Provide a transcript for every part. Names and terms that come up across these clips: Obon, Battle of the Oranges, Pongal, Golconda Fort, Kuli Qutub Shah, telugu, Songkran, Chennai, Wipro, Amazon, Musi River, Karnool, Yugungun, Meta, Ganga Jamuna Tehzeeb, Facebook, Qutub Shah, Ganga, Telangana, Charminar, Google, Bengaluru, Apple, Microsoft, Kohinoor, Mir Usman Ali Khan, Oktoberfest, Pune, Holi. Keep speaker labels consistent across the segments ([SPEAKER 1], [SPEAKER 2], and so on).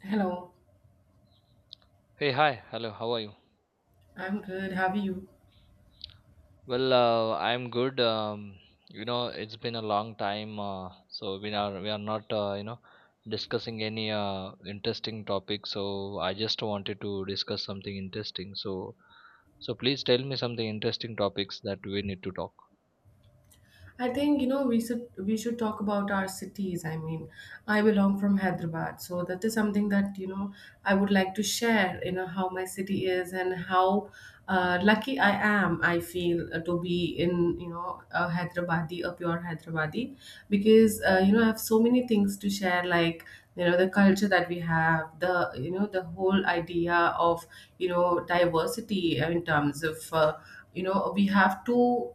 [SPEAKER 1] Hello,
[SPEAKER 2] Hey, hi. Hello, how are you?
[SPEAKER 1] I'm good. How are you?
[SPEAKER 2] Well, I'm good. It's been a long time, so we are not, discussing any interesting topic. So I just wanted to discuss something interesting. So please tell me something interesting topics that we need to talk.
[SPEAKER 1] I think we should talk about our cities. I mean, I belong from Hyderabad, so that is something that I would like to share. You know how my city is and how lucky I am. I feel to be in a Hyderabadi, a pure Hyderabadi, because I have so many things to share, like the culture that we have, the whole idea of diversity in terms of. We have two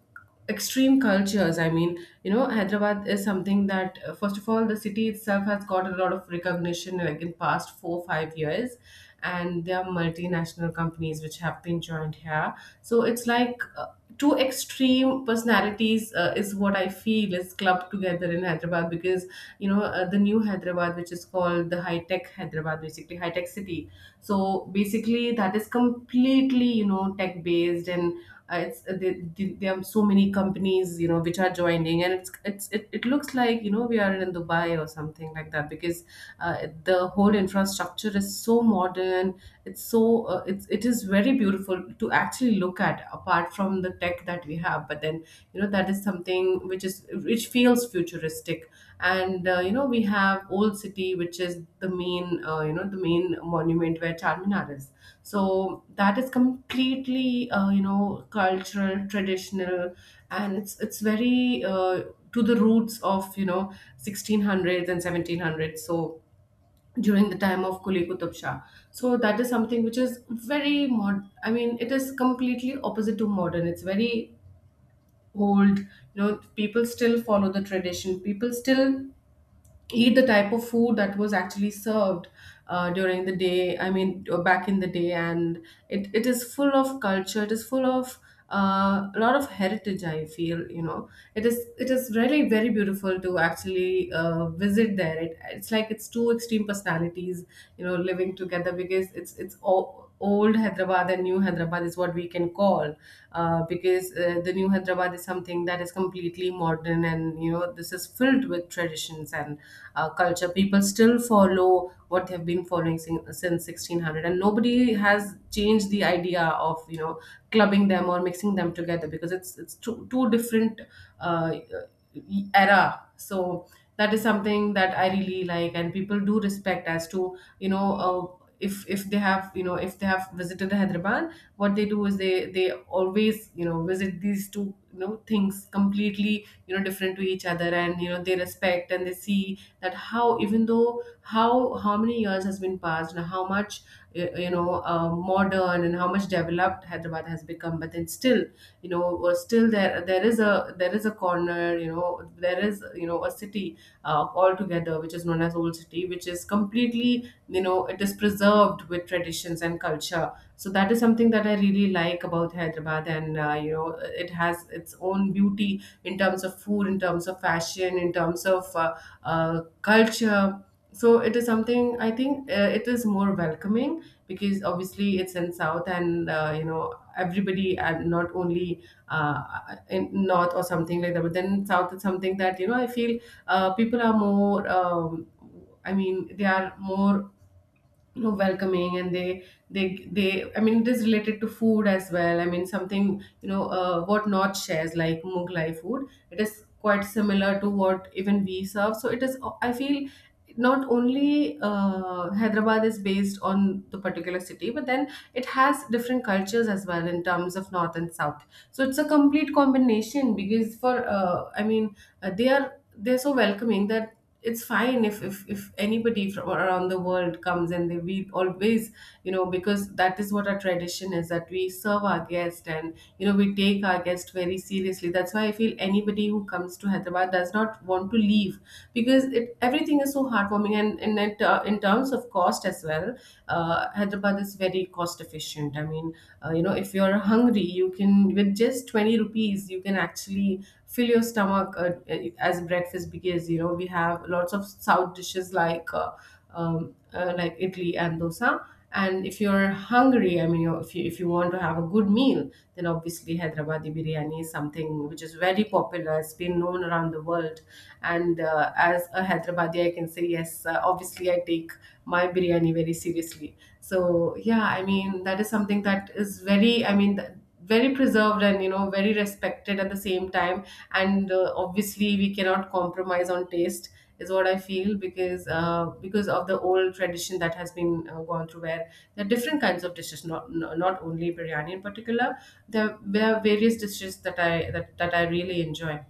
[SPEAKER 1] extreme cultures. I mean, Hyderabad is something that, first of all, the city itself has got a lot of recognition like in past 4 5 years, and there are multinational companies which have been joined here. So it's like, two extreme personalities, is what I feel is clubbed together in Hyderabad, because the new Hyderabad, which is called the high tech Hyderabad, basically high tech city. So basically that is completely tech based, and there are so many companies, which are joining, and it looks like we are in Dubai or something like that, because the whole infrastructure is so modern. It's so it is very beautiful to actually look at, apart from the tech that we have, but then, that is something which feels futuristic. And we have old city, which is the main monument where Charminar is. So that is completely cultural, traditional, and it's very to the roots of 1600s and 1700s, so during the time of Kuli Qutub Shah. So that is something which is very mod I mean, it is completely opposite to modern. It's very old. People still follow the tradition. People still eat the type of food that was actually served during the day. I mean, back in the day, and it is full of culture, it is full of a lot of heritage, I feel. It is really very beautiful to actually visit there. It's like it's two extreme personalities, living together, because it's all old Hyderabad and new Hyderabad is what we can call. Because the new Hyderabad is something that is completely modern, and this is filled with traditions and culture. People still follow what they've been following since 1600, and nobody has changed the idea of clubbing them or mixing them together, because it's two different Uh, era. So that is something that I really like, and people do respect, as to if they have, if they have visited Hyderabad, what they do is they always visit these two things, completely different to each other, and they respect, and they see that how, even though how many years has been passed and how much modern and how much developed Hyderabad has become, but then still, still there is a corner, there is a city altogether, which is known as old city, which is completely, it is preserved with traditions and culture. So that is something that I really like about Hyderabad. And it has its own beauty, in terms of food, in terms of fashion, in terms of culture. So it is something, I think it is more welcoming, because obviously it's in south, and everybody, and not only uh, in north or something like that, but then south is something that, I feel people are more, I mean they are more, welcoming, and they they I mean, it is related to food as well. I mean, something, what North shares like mughlai food, it is quite similar to what even we serve. So it is, I feel, not only Hyderabad is based on the particular city, but then it has different cultures as well, in terms of north and south. So it's a complete combination, because for I mean uh, they are they're so welcoming that it's fine. If anybody from around the world comes, and they we always, because that is what our tradition is, that we serve our guest, and we take our guest very seriously. That's why I feel anybody who comes to Hyderabad does not want to leave, because it everything is so heartwarming. And in terms of cost as well, Hyderabad is very cost efficient. I mean, if you're hungry, you can with just 20 rupees you can actually fill your stomach as breakfast, because we have lots of south dishes like idli and dosa. And if you're hungry, I mean, you if you want to have a good meal, then obviously Hyderabadi biryani is something which is very popular. It's been known around the world. And as a Hyderabadi, I can say yes. Obviously, I take my biryani very seriously. So yeah, I mean, that is something that is very. I mean, very preserved and very respected at the same time. And obviously we cannot compromise on taste, is what I feel, because because of the old tradition that has been gone through, where there are different kinds of dishes, not only biryani in particular. There are various dishes that I that I really enjoy.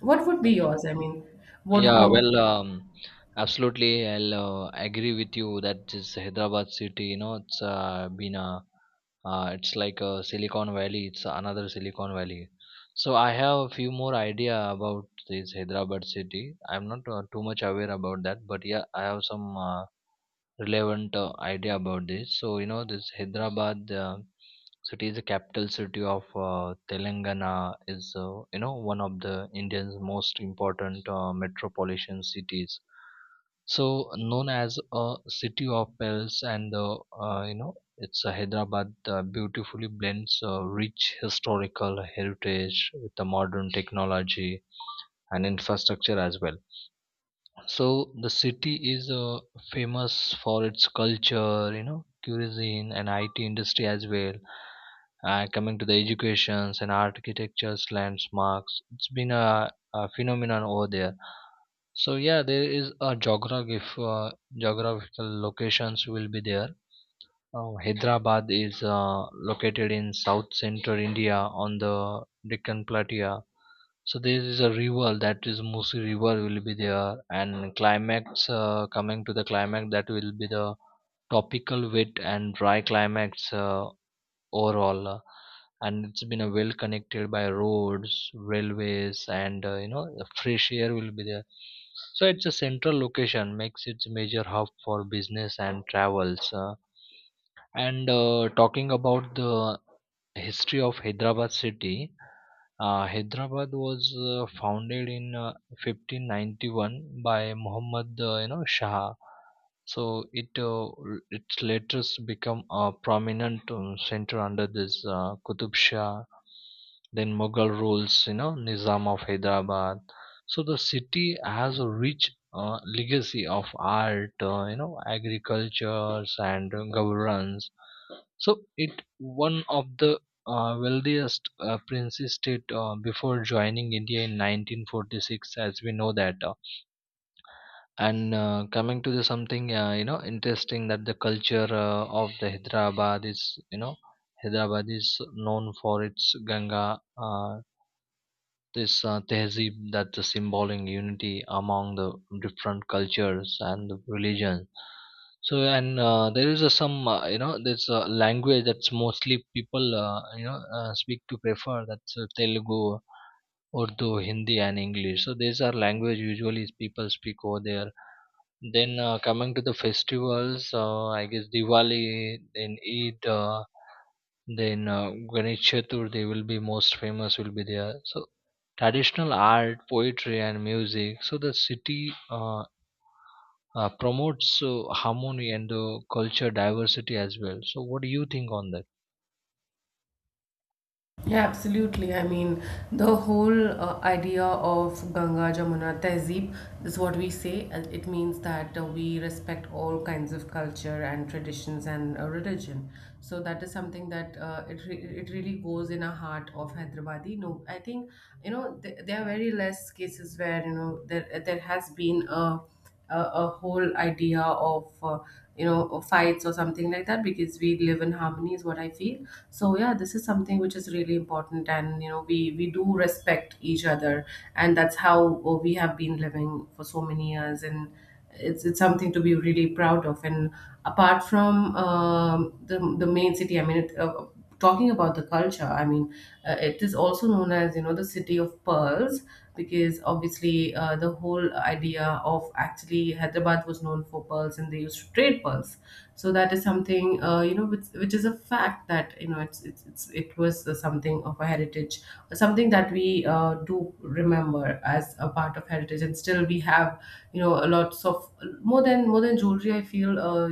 [SPEAKER 1] What would be yours? I mean,
[SPEAKER 2] Yeah,
[SPEAKER 1] what?
[SPEAKER 2] absolutely. I'll agree with you that this Hyderabad city, you know, it's like a Silicon Valley. It's another Silicon Valley. So I have a few more idea about this Hyderabad city. I'm not too much aware about that, but yeah, I have some. Relevant idea about this. So you know this Hyderabad city is the capital city of Telangana. Is you know one of the India's most important metropolitan cities. So known as a city of pearls, and the you know it's Hyderabad beautifully blends rich historical heritage with the modern technology and infrastructure as well. So the city is famous for its culture, you know, cuisine and IT industry as well. Coming to the educations and architecture's landmarks, it's been a phenomenon over there. So yeah, there is a geographical locations will be there. Hyderabad is located in south central India on the Deccan Plateau, so there is a river that is Musi River will be there, and climax coming to the climax that will be the tropical wet and dry climax overall. And it's been a well connected by roads, railways, and you know the fresh air will be there. So it's a central location makes it major hub for business and travels. And Talking about the history of Hyderabad city, Hyderabad was founded in 1591 by Muhammad, you know, Shah. So it later become a prominent center under this Qutub Shah. Then Mughal rules, you know, Nizam of Hyderabad. So the city has a rich legacy of art, you know, agriculture and governance. So it one of the wealthiest princely state before joining India in 1946, as we know that. And Coming to the something you know interesting that the culture of the Hyderabad is you know Hyderabad is known for its Ganga. This tehzeeb that the symboling unity among the different cultures and the religion. So and there is a some you know there's a language that's mostly people speak to prefer, that's Telugu, Urdu, Hindi and English, so these are language usually people speak over there. Then coming to the festivals, I guess Diwali, then Eid, then Ganesh Chaturthi will be most famous will be there. So traditional art, poetry, and music. So the city promotes harmony and culture diversity as well. So what do you think on that?
[SPEAKER 1] Yeah, absolutely. I mean, the whole idea of Ganga Jamuna Tehzeeb is what we say. And it means that we respect all kinds of culture and traditions and religion. So that is something that it really goes in a heart of Hyderabadi. No, I think th there are very less cases where there has been a whole idea of fights or something like that, because we live in harmony, is what I feel. So yeah, this is something which is really important, and we do respect each other, and that's how we have been living for so many years. And it's something to be really proud of. And apart from the main city, I mean talking about the culture, I mean, it is also known as, the city of pearls, because obviously the whole idea of, actually, Hyderabad was known for pearls, and they used to trade pearls. So that is something which is a fact that, it was something of a heritage, something that we do remember as a part of heritage. And still we have a lots of, more than jewelry, I feel, uh,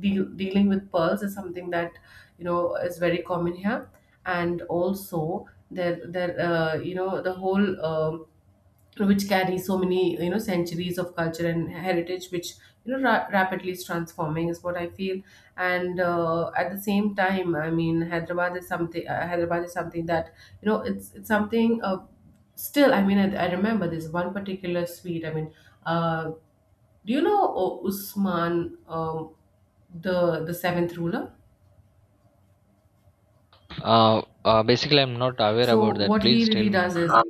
[SPEAKER 1] deal, dealing with pearls is something that, is very common here. And also there, the whole, which carries so many, centuries of culture and heritage, which rapidly is transforming, is what I feel. And at the same time, I mean, Hyderabad is something that, it's something still, I mean I remember this one particular suite, I mean, uh, do you know Usman, the the seventh ruler?
[SPEAKER 2] Basically, I'm not aware
[SPEAKER 1] So
[SPEAKER 2] about that.
[SPEAKER 1] what he
[SPEAKER 2] Please tell
[SPEAKER 1] really
[SPEAKER 2] me.
[SPEAKER 1] does is,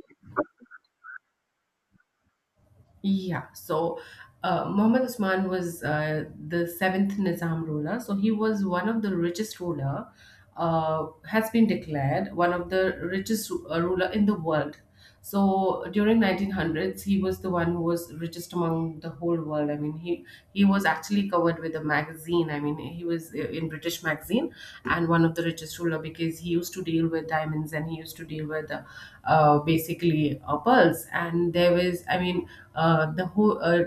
[SPEAKER 1] yeah. So Muhammad Usman was the seventh Nizam ruler. So he was one of the richest ruler, has been declared one of the richest ruler in the world. So during 1900s, he was the one who was richest among the whole world. I mean, he was actually covered with a magazine. I mean, he was in British magazine, and one of the richest ruler, because he used to deal with diamonds, and he used to deal with basically pearls. And there was, I mean, the whole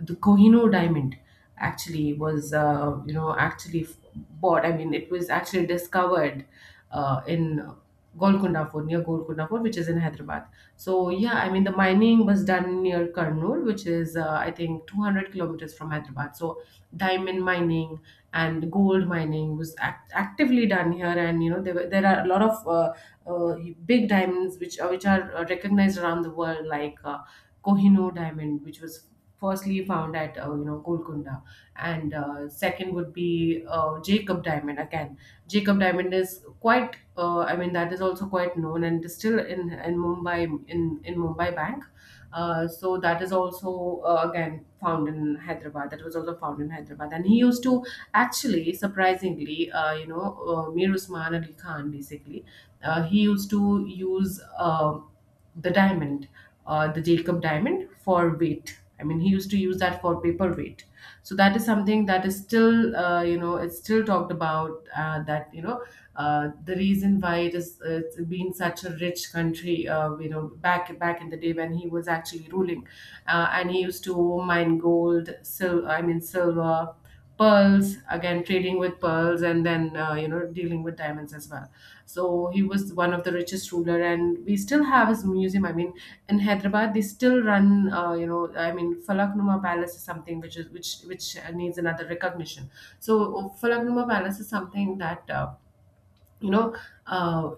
[SPEAKER 1] the Kohinoor diamond actually was, actually bought. I mean, it was actually discovered in Golconda Fort, near Golconda Fort, which is in Hyderabad. So yeah, I mean, the mining was done near Karnool, which is I think 200 kilometers from Hyderabad. So diamond mining and gold mining was actively done here, and you know there are a lot of uh, big diamonds which are, which are recognized around the world, like Kohinoor diamond, which was firstly found at Golconda. And second would be Jacob diamond. Again, Jacob diamond is quite I mean, that is also quite known, and it is still in Mumbai, in Mumbai Bank. Uh, so that is also again found in Hyderabad. That was also found in Hyderabad, and he used to actually, surprisingly, Mir Usman Ali Khan basically. He used to use the diamond, the Jacob diamond, for weight. I mean, he used to use that for paper weight. So that is something that is still, it's still talked about. The reason why it is it's been such a rich country, back in the day, when he was actually ruling, and he used to mine gold, silver, pearls, again trading with pearls, and then dealing with diamonds as well. So he was one of the richest ruler and we still have his museum. I mean, in Hyderabad, they still run, I mean, Falaknuma Palace is something which is which needs another recognition. So Falaknuma Palace is something that you know uh,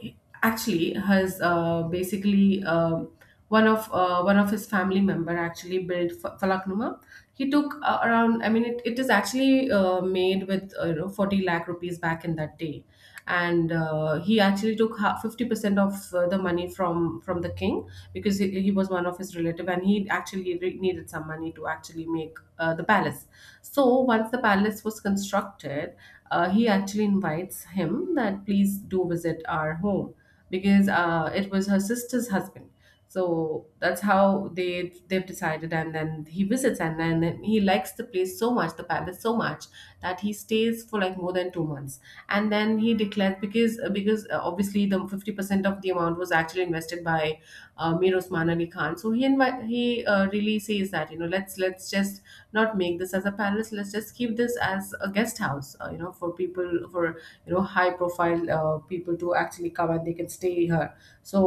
[SPEAKER 1] actually has, basically, one of, one of his family member actually built Falaknuma. He took around, I mean, it is actually made with, 40 lakh rupees, back in that day. And he actually took 50% of the money from the king, because he was one of his relative, and he actually needed some money to actually make the palace. So once the palace was constructed, he actually invites him that please do visit our home, because it was her sister's husband. So that's how they've decided, and then he visits, and then he likes the palace so much that he stays for like more than 2 months. And then he declares, because obviously the 50% of the amount was actually invested by Mir Osman Ali Khan. So he really says that, you know, let's just not make this as a palace, let's just keep this as a guest house, for people, for you know, high profile people to actually come and they can stay here. So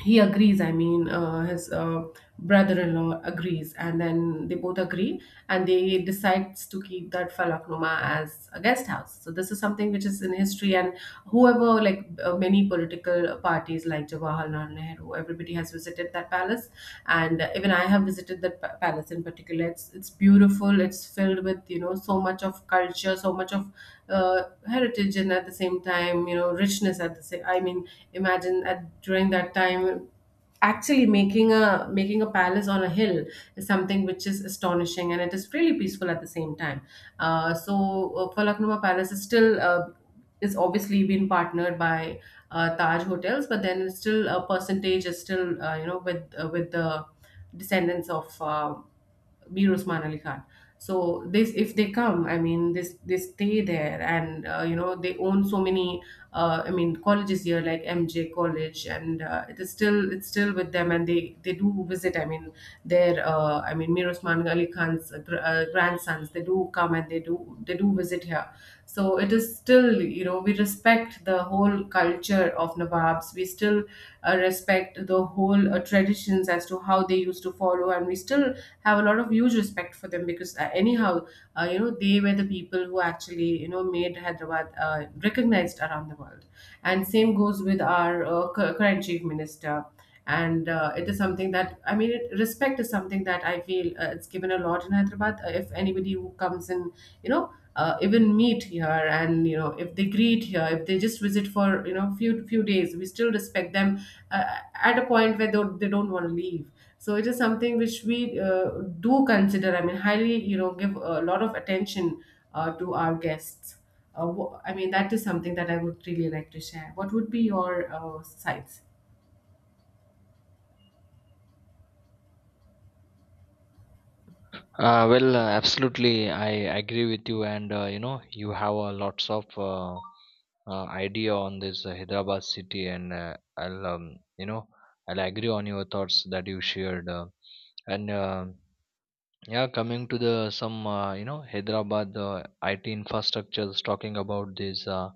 [SPEAKER 1] he agrees. I mean, his brother-in-law agrees, and then they both agree and they decides to keep that Falaknuma as a guest house. So this is something which is in history, and whoever, like, many political parties, like Jawaharlal Nehru, everybody has visited that palace. And even I have visited that palace in particular. It's beautiful, it's filled with, you know, so much of culture, so much of heritage, and at the same time, you know, richness at the same, I mean, imagine at during that time, actually making a palace on a hill is something which is astonishing, and it is really peaceful at the same time. Falaknuma Palace is still is obviously been partnered by Taj Hotels, but then it's still, a percentage is still, with, with the descendants of Mir Usman Ali Khan. So this, if they come, I mean, this, they stay there, and they own so many, I mean, colleges here, like MJ College. And it is still, it's still with them, and they do visit. I mean, their I mean, Mir Usman Ali Khan's grandsons, they do come, and they do visit here. So it is still, you know, we respect the whole culture of Nawabs. We still respect the whole traditions as to how they used to follow, and we still have a lot of huge respect for them, because anyhow, they were the people who actually, you know, made Hyderabad recognized around the world. And same goes with our current chief minister. And it is something that, I mean, respect is something that I feel, it's given a lot in Hyderabad. If anybody who comes in, you know, even meet here, and you know, if they greet here, if they just visit for, you know, few days, we still respect them, uh, at a point where they don't want to leave. So it is something which we uh, do consider, I mean, highly, you know, give a lot of attention to our guests. I mean, that is something that I would really like to share. What would be your sites?
[SPEAKER 2] Absolutely, I agree with you, and you know, you have lots of idea on this Hyderabad city, and I'll I'll agree on your thoughts that you shared, and. Yeah, coming to the some you know Hyderabad IT infrastructures talking about this.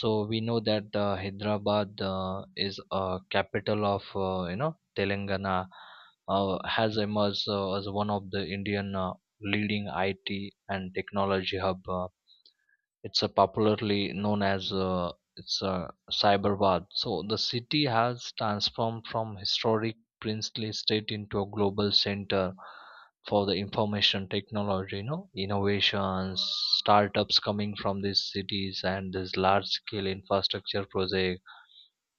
[SPEAKER 2] So we know that Hyderabad is a capital of you know Telangana, has emerged as one of the Indian leading IT and technology hub. It's a popularly known as it's a cyberwar, so the city has transformed from historic princely state into a global center for the information technology you know innovations, startups coming from these cities and this large scale infrastructure project.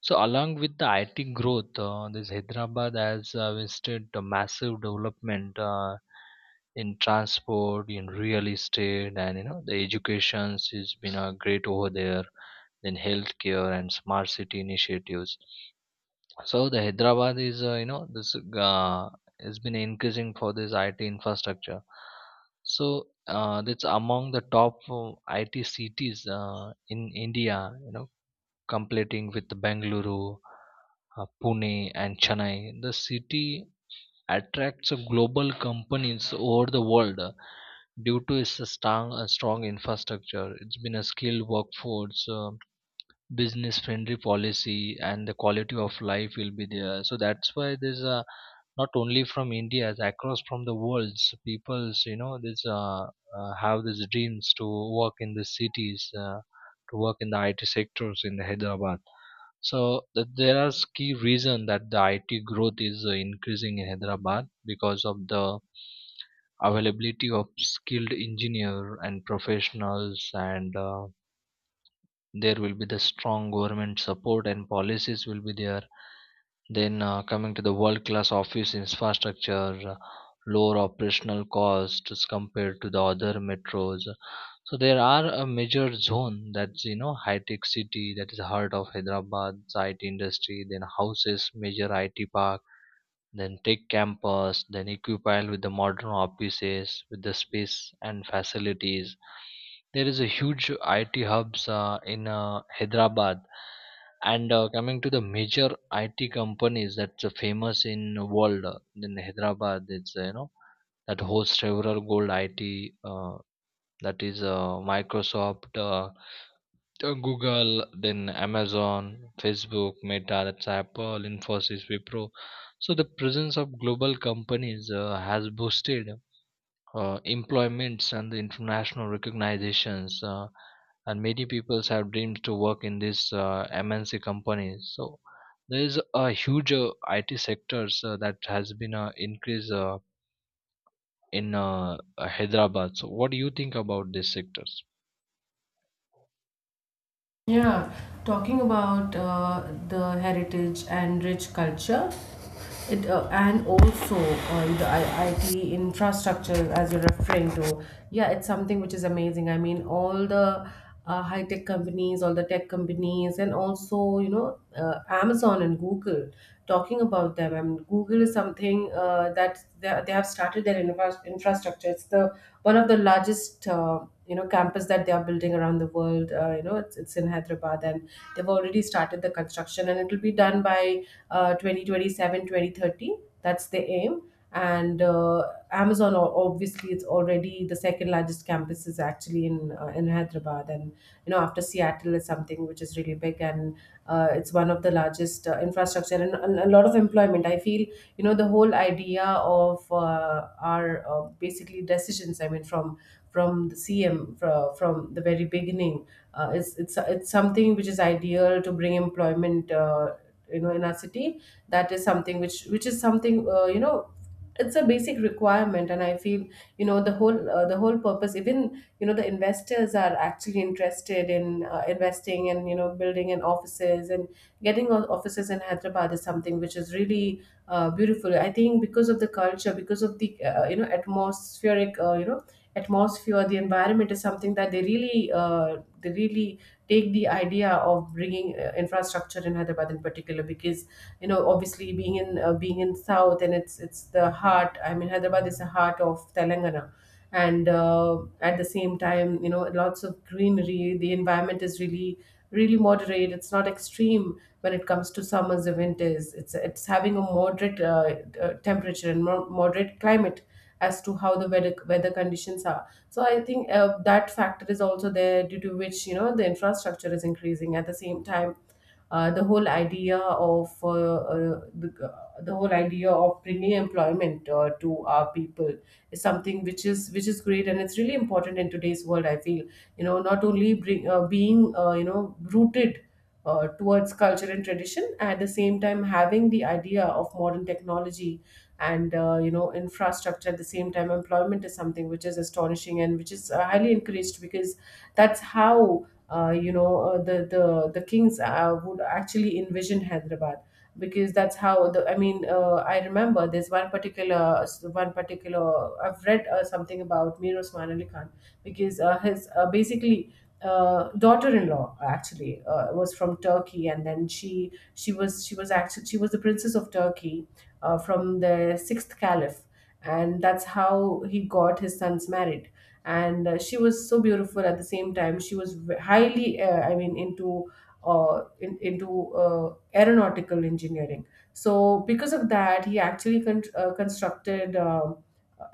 [SPEAKER 2] So, along with the IT growth, this Hyderabad has witnessed a massive development in transport, in real estate, and you know the education has been great over there. Then healthcare and smart city initiatives. So the Hyderabad is you know this has been increasing for this IT infrastructure. So that's among the top IT cities in India. You know completing with Bengaluru, Pune, and Chennai. The city attracts global companies over the world due to its strong infrastructure. It's been a skilled workforce, business friendly policy, and the quality of life will be there. So that's why there's a not only from India, across from the world's peoples, you know, this uh, have these dreams to work in the cities, to work in the IT sectors in the Hyderabad. So there are key reason that the IT growth is increasing in Hyderabad because of the availability of skilled engineer and professionals, and there will be the strong government support and policies will be there. Then coming to the world class office infrastructure, lower operational costs compared to the other metros. So there are a major zone that's you know high tech city that is the heart of Hyderabad, IT industry, then houses major IT park, then tech campus, then equipped with the modern offices with the space and facilities. There is a huge IT hubs in Hyderabad, and coming to the major IT companies that's famous in the world, then Hyderabad it's you know that hosts several gold IT, uh, that is Microsoft, Google, then Amazon, Facebook, Meta, that's Apple, Infosys, Wipro. So the presence of global companies has boosted employments and the international recognitions, and many people have dreams to work in these MNC companies. So there is a huge IT sectors that has been increase in Hyderabad. So what do you think about these sectors?
[SPEAKER 1] Yeah, talking about the heritage and rich culture, it and also on the IT infrastructure as you're referring to. Yeah, it's something which is amazing. I mean, all the high tech companies, all the tech companies, and also, you know, Amazon and Google. Talking about them, I mean, Google is something that they have started their infrastructure. It's the one of the largest campus that they are building around the world. It's in Hyderabad, and they've already started the construction, and it'll be done by 2027. That's the aim. And Amazon, obviously, it's already the second largest campus is actually in Hyderabad, and you know, after Seattle, is something which is really big. And it's one of the largest infrastructure, and a lot of employment, I feel. You know, the whole idea of our basically decisions, I mean, from the CM, from the very beginning. It's it's something which is ideal to bring employment, you know, in our city. That is something which is something, It's a basic requirement, and I feel, you know, the whole purpose, even, you know, the investors are actually interested in investing and, you know, building in offices. And getting offices in Hyderabad is something which is really beautiful, I think, because of the culture, because of the atmospheric, atmosphere. The environment is something that they really take the idea of bringing infrastructure in Hyderabad in particular, because you know, obviously, being in being in south, and it's the heart, I mean, Hyderabad is the heart of Telangana. And at the same time, you know, lots of greenery, the environment is really moderate, it's not extreme. When it comes to summers or winters, it's having a moderate temperature, and moderate climate as to how the weather conditions are. So I think that factor is also there, due to which, you know, the infrastructure is increasing at the same time. The whole idea of the, The whole idea of bringing employment to our people is something which is great, and it's really important in today's world, I feel. You know, not only being, rooted towards culture and tradition, at the same time having the idea of modern technology and, infrastructure at the same time, employment is something which is astonishing, and which is highly encouraged, because that's how, the kings would actually envision Hyderabad, because that's how the, I mean, I remember there's one particular I've read something about Mir Osman Ali Khan, because his basically daughter-in-law actually was from Turkey, and then she was actually, she was the princess of Turkey, from the sixth caliph, and that's how he got his sons married. And she was so beautiful, at the same time she was highly, I mean, into into aeronautical engineering. So because of that, he actually constructed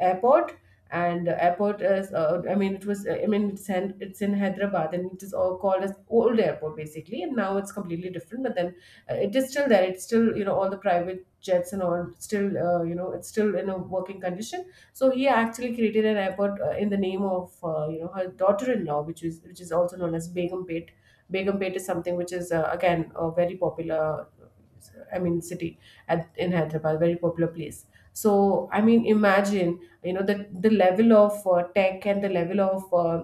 [SPEAKER 1] airport. And airport is I mean, it was, I mean it's in Hyderabad, and it is all called as old airport basically, and now it's completely different, but then it is still there, it's still, you know, all the private jets and all still, it's still in a working condition. So he actually created an airport in the name of, her daughter-in-law, which is also known as Begumpet. Begumpet is something which is again a very popular, I mean, city at, in Hyderabad, very popular place. So I mean, imagine you know the level of tech and the level of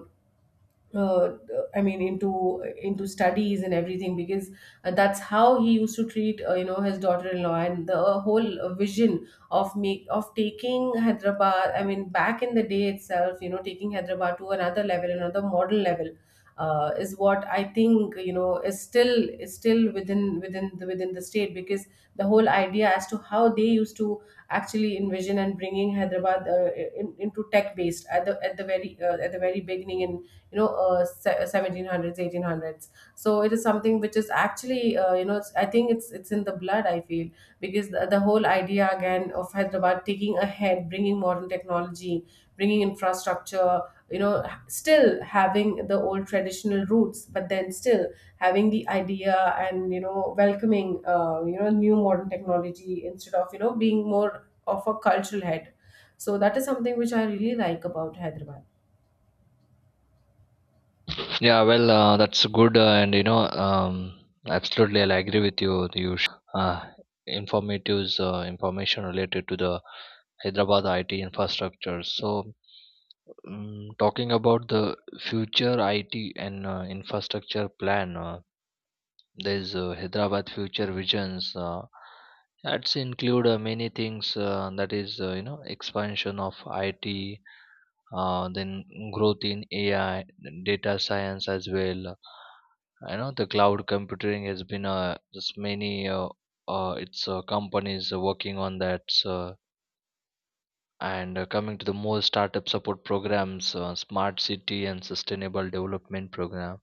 [SPEAKER 1] uh, I mean into studies and everything because that's how he used to treat you know his daughter-in-law and the whole vision of make of taking Hyderabad I mean back in the day itself you know taking Hyderabad to another level, another modern level is what I think you know is still within the state because the whole idea as to how they used to actually envision and bringing Hyderabad into tech based at the very beginning in 1700s, 1800s. So it is something which is actually, you know I think it's in the blood, I feel. Because the whole idea again of Hyderabad taking ahead, bringing modern technology, bringing infrastructure, you know, still having the old traditional roots but then still having the idea and you know welcoming you know new modern technology instead of you know being more of a cultural head. So that is something which I really like about Hyderabad.
[SPEAKER 2] Yeah, that's good, and you know, absolutely, I'll agree with you. You informatives information related to the Hyderabad IT infrastructure. So, talking about the future IT and infrastructure plan, there's Hyderabad future visions. That's include many things that is, you know, expansion of IT, then growth in AI, data science as well. I know the cloud computing has been just many its companies are working on that. So, and coming to the more startup support programs, smart city and sustainable development program.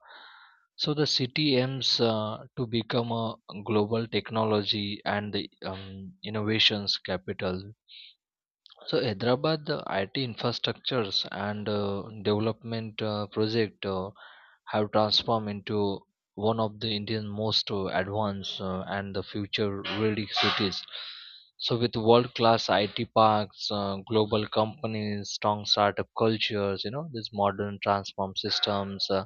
[SPEAKER 2] So the city aims to become a global technology and the innovations capital. So Hyderabad IT infrastructures and development project have transformed into one of the Indian most advanced and the future ready cities. So with world class IT parks, global companies, strong startup cultures, you know, these modern transform systems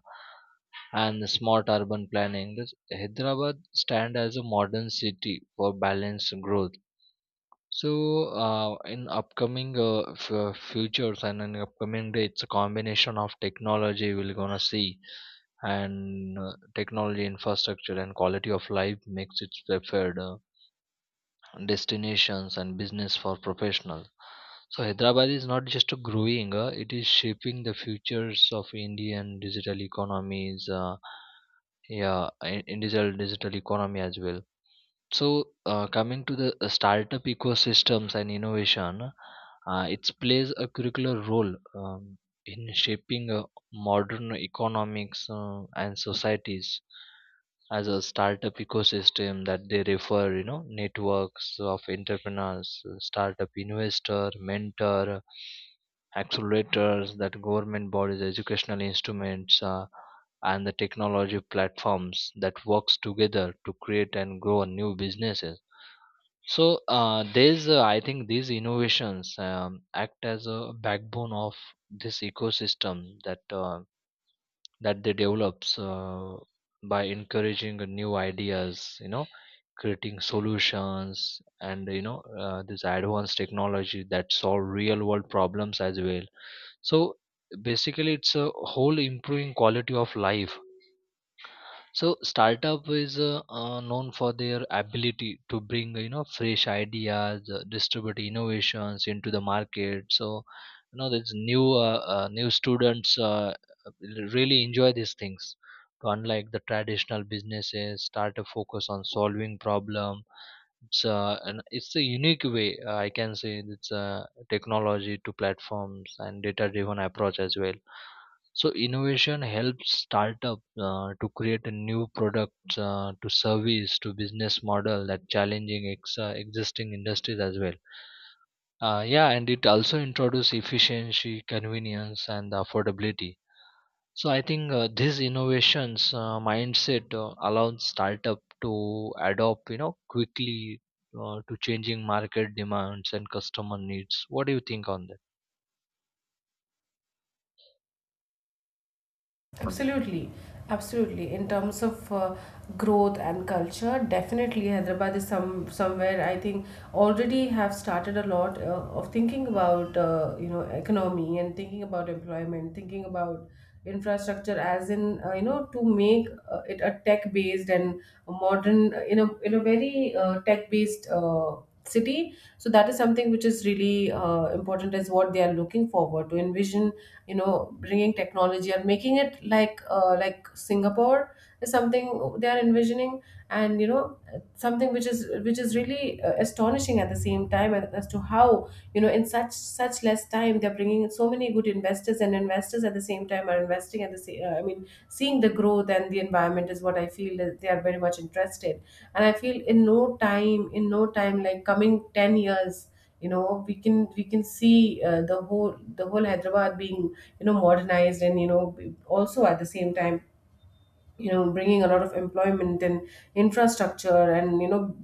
[SPEAKER 2] and smart urban planning, this Hyderabad stand as a modern city for balanced growth. So, in upcoming futures and in upcoming day, it's a combination of technology we're gonna see, and technology infrastructure and quality of life makes its preferred destinations and business for professionals. So, Hyderabad is not just a growing; it is shaping the futures of Indian digital economies. Yeah, individual digital economy as well. So, coming to the startup ecosystems and innovation, it plays a curricular role in shaping modern economics and societies as a startup ecosystem that they refer, you know, networks of entrepreneurs, startup investor, mentor, accelerators that government bodies, educational instruments. And the technology platforms that works together to create and grow new businesses. So there's I think these innovations act as a backbone of this ecosystem that they develops by encouraging new ideas, you know, creating solutions and you know this advanced technology that solve real world problems as well. So basically it's a whole improving quality of life. So startup is known for their ability to bring you know fresh ideas, distribute innovations into the market. So you know there's new students really enjoy these things. So unlike the traditional businesses, startup focus on solving problem. It's a unique way I can say it's technology to platforms and data-driven approach as well. So innovation helps startup to create a new products to service to business model that challenging existing industries as well. Yeah, and it also introduces efficiency, convenience, and affordability. So I think these innovations mindset allows startup to adopt, you know, quickly to changing market demands and customer needs. What do you think on that?
[SPEAKER 1] Absolutely, absolutely. In terms of growth and culture, definitely Hyderabad is some somewhere I think already have started a lot of thinking about you know economy and thinking about employment, thinking about infrastructure as in you know, to make it a tech based and a modern in a very tech based city. So that is something which is really important as what they are looking forward to envision, you know, bringing technology and making it like Singapore is something they are envisioning. And you know, something which is really astonishing at the same time, as to how you know in such less time they're bringing in so many good investors, and investors at the same time are investing at the same I mean seeing the growth and the environment is what I feel, that they are very much interested. And I feel in no time, like coming 10 years, you know, we can see the whole Hyderabad being, you know, modernized, and you know also at the same time, you know, bringing a lot of employment and infrastructure, and you know,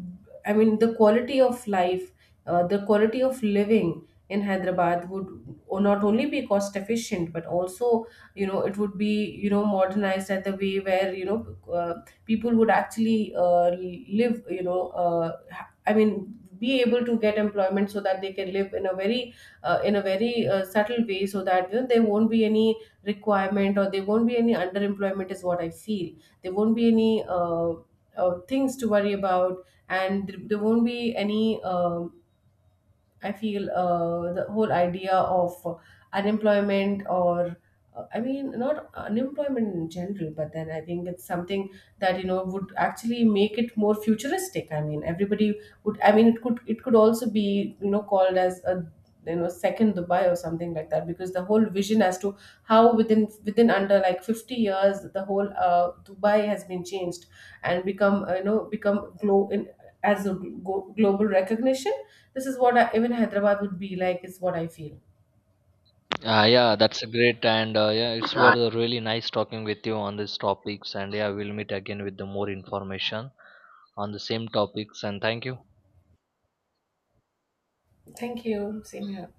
[SPEAKER 1] I mean the quality of life, the quality of living in Hyderabad would not only be cost efficient but also, you know, it would be, you know, modernized at the way where, you know, people would actually live, you know, I mean be able to get employment so that they can live in a very subtle way, so that you know, there won't be any requirement, or there won't be any underemployment is what I feel. There won't be any things to worry about, and there won't be any I feel the whole idea of unemployment or I mean not unemployment in general, but then I think it's something that you know would actually make it more futuristic. I mean everybody would, I mean it could also be, you know, called as a, you know, second Dubai or something like that, because the whole vision as to how within within under like 50 years the whole Dubai has been changed and become you know become glo- as a glo- global recognition. This is what I, even Hyderabad would be like, is what I feel.
[SPEAKER 2] Yeah, that's a great and yeah, it's
[SPEAKER 1] Yeah,
[SPEAKER 2] was really nice talking with you on these topics. And yeah, we'll meet again with the more information on the same topics. And thank you.
[SPEAKER 1] thank you. Same here.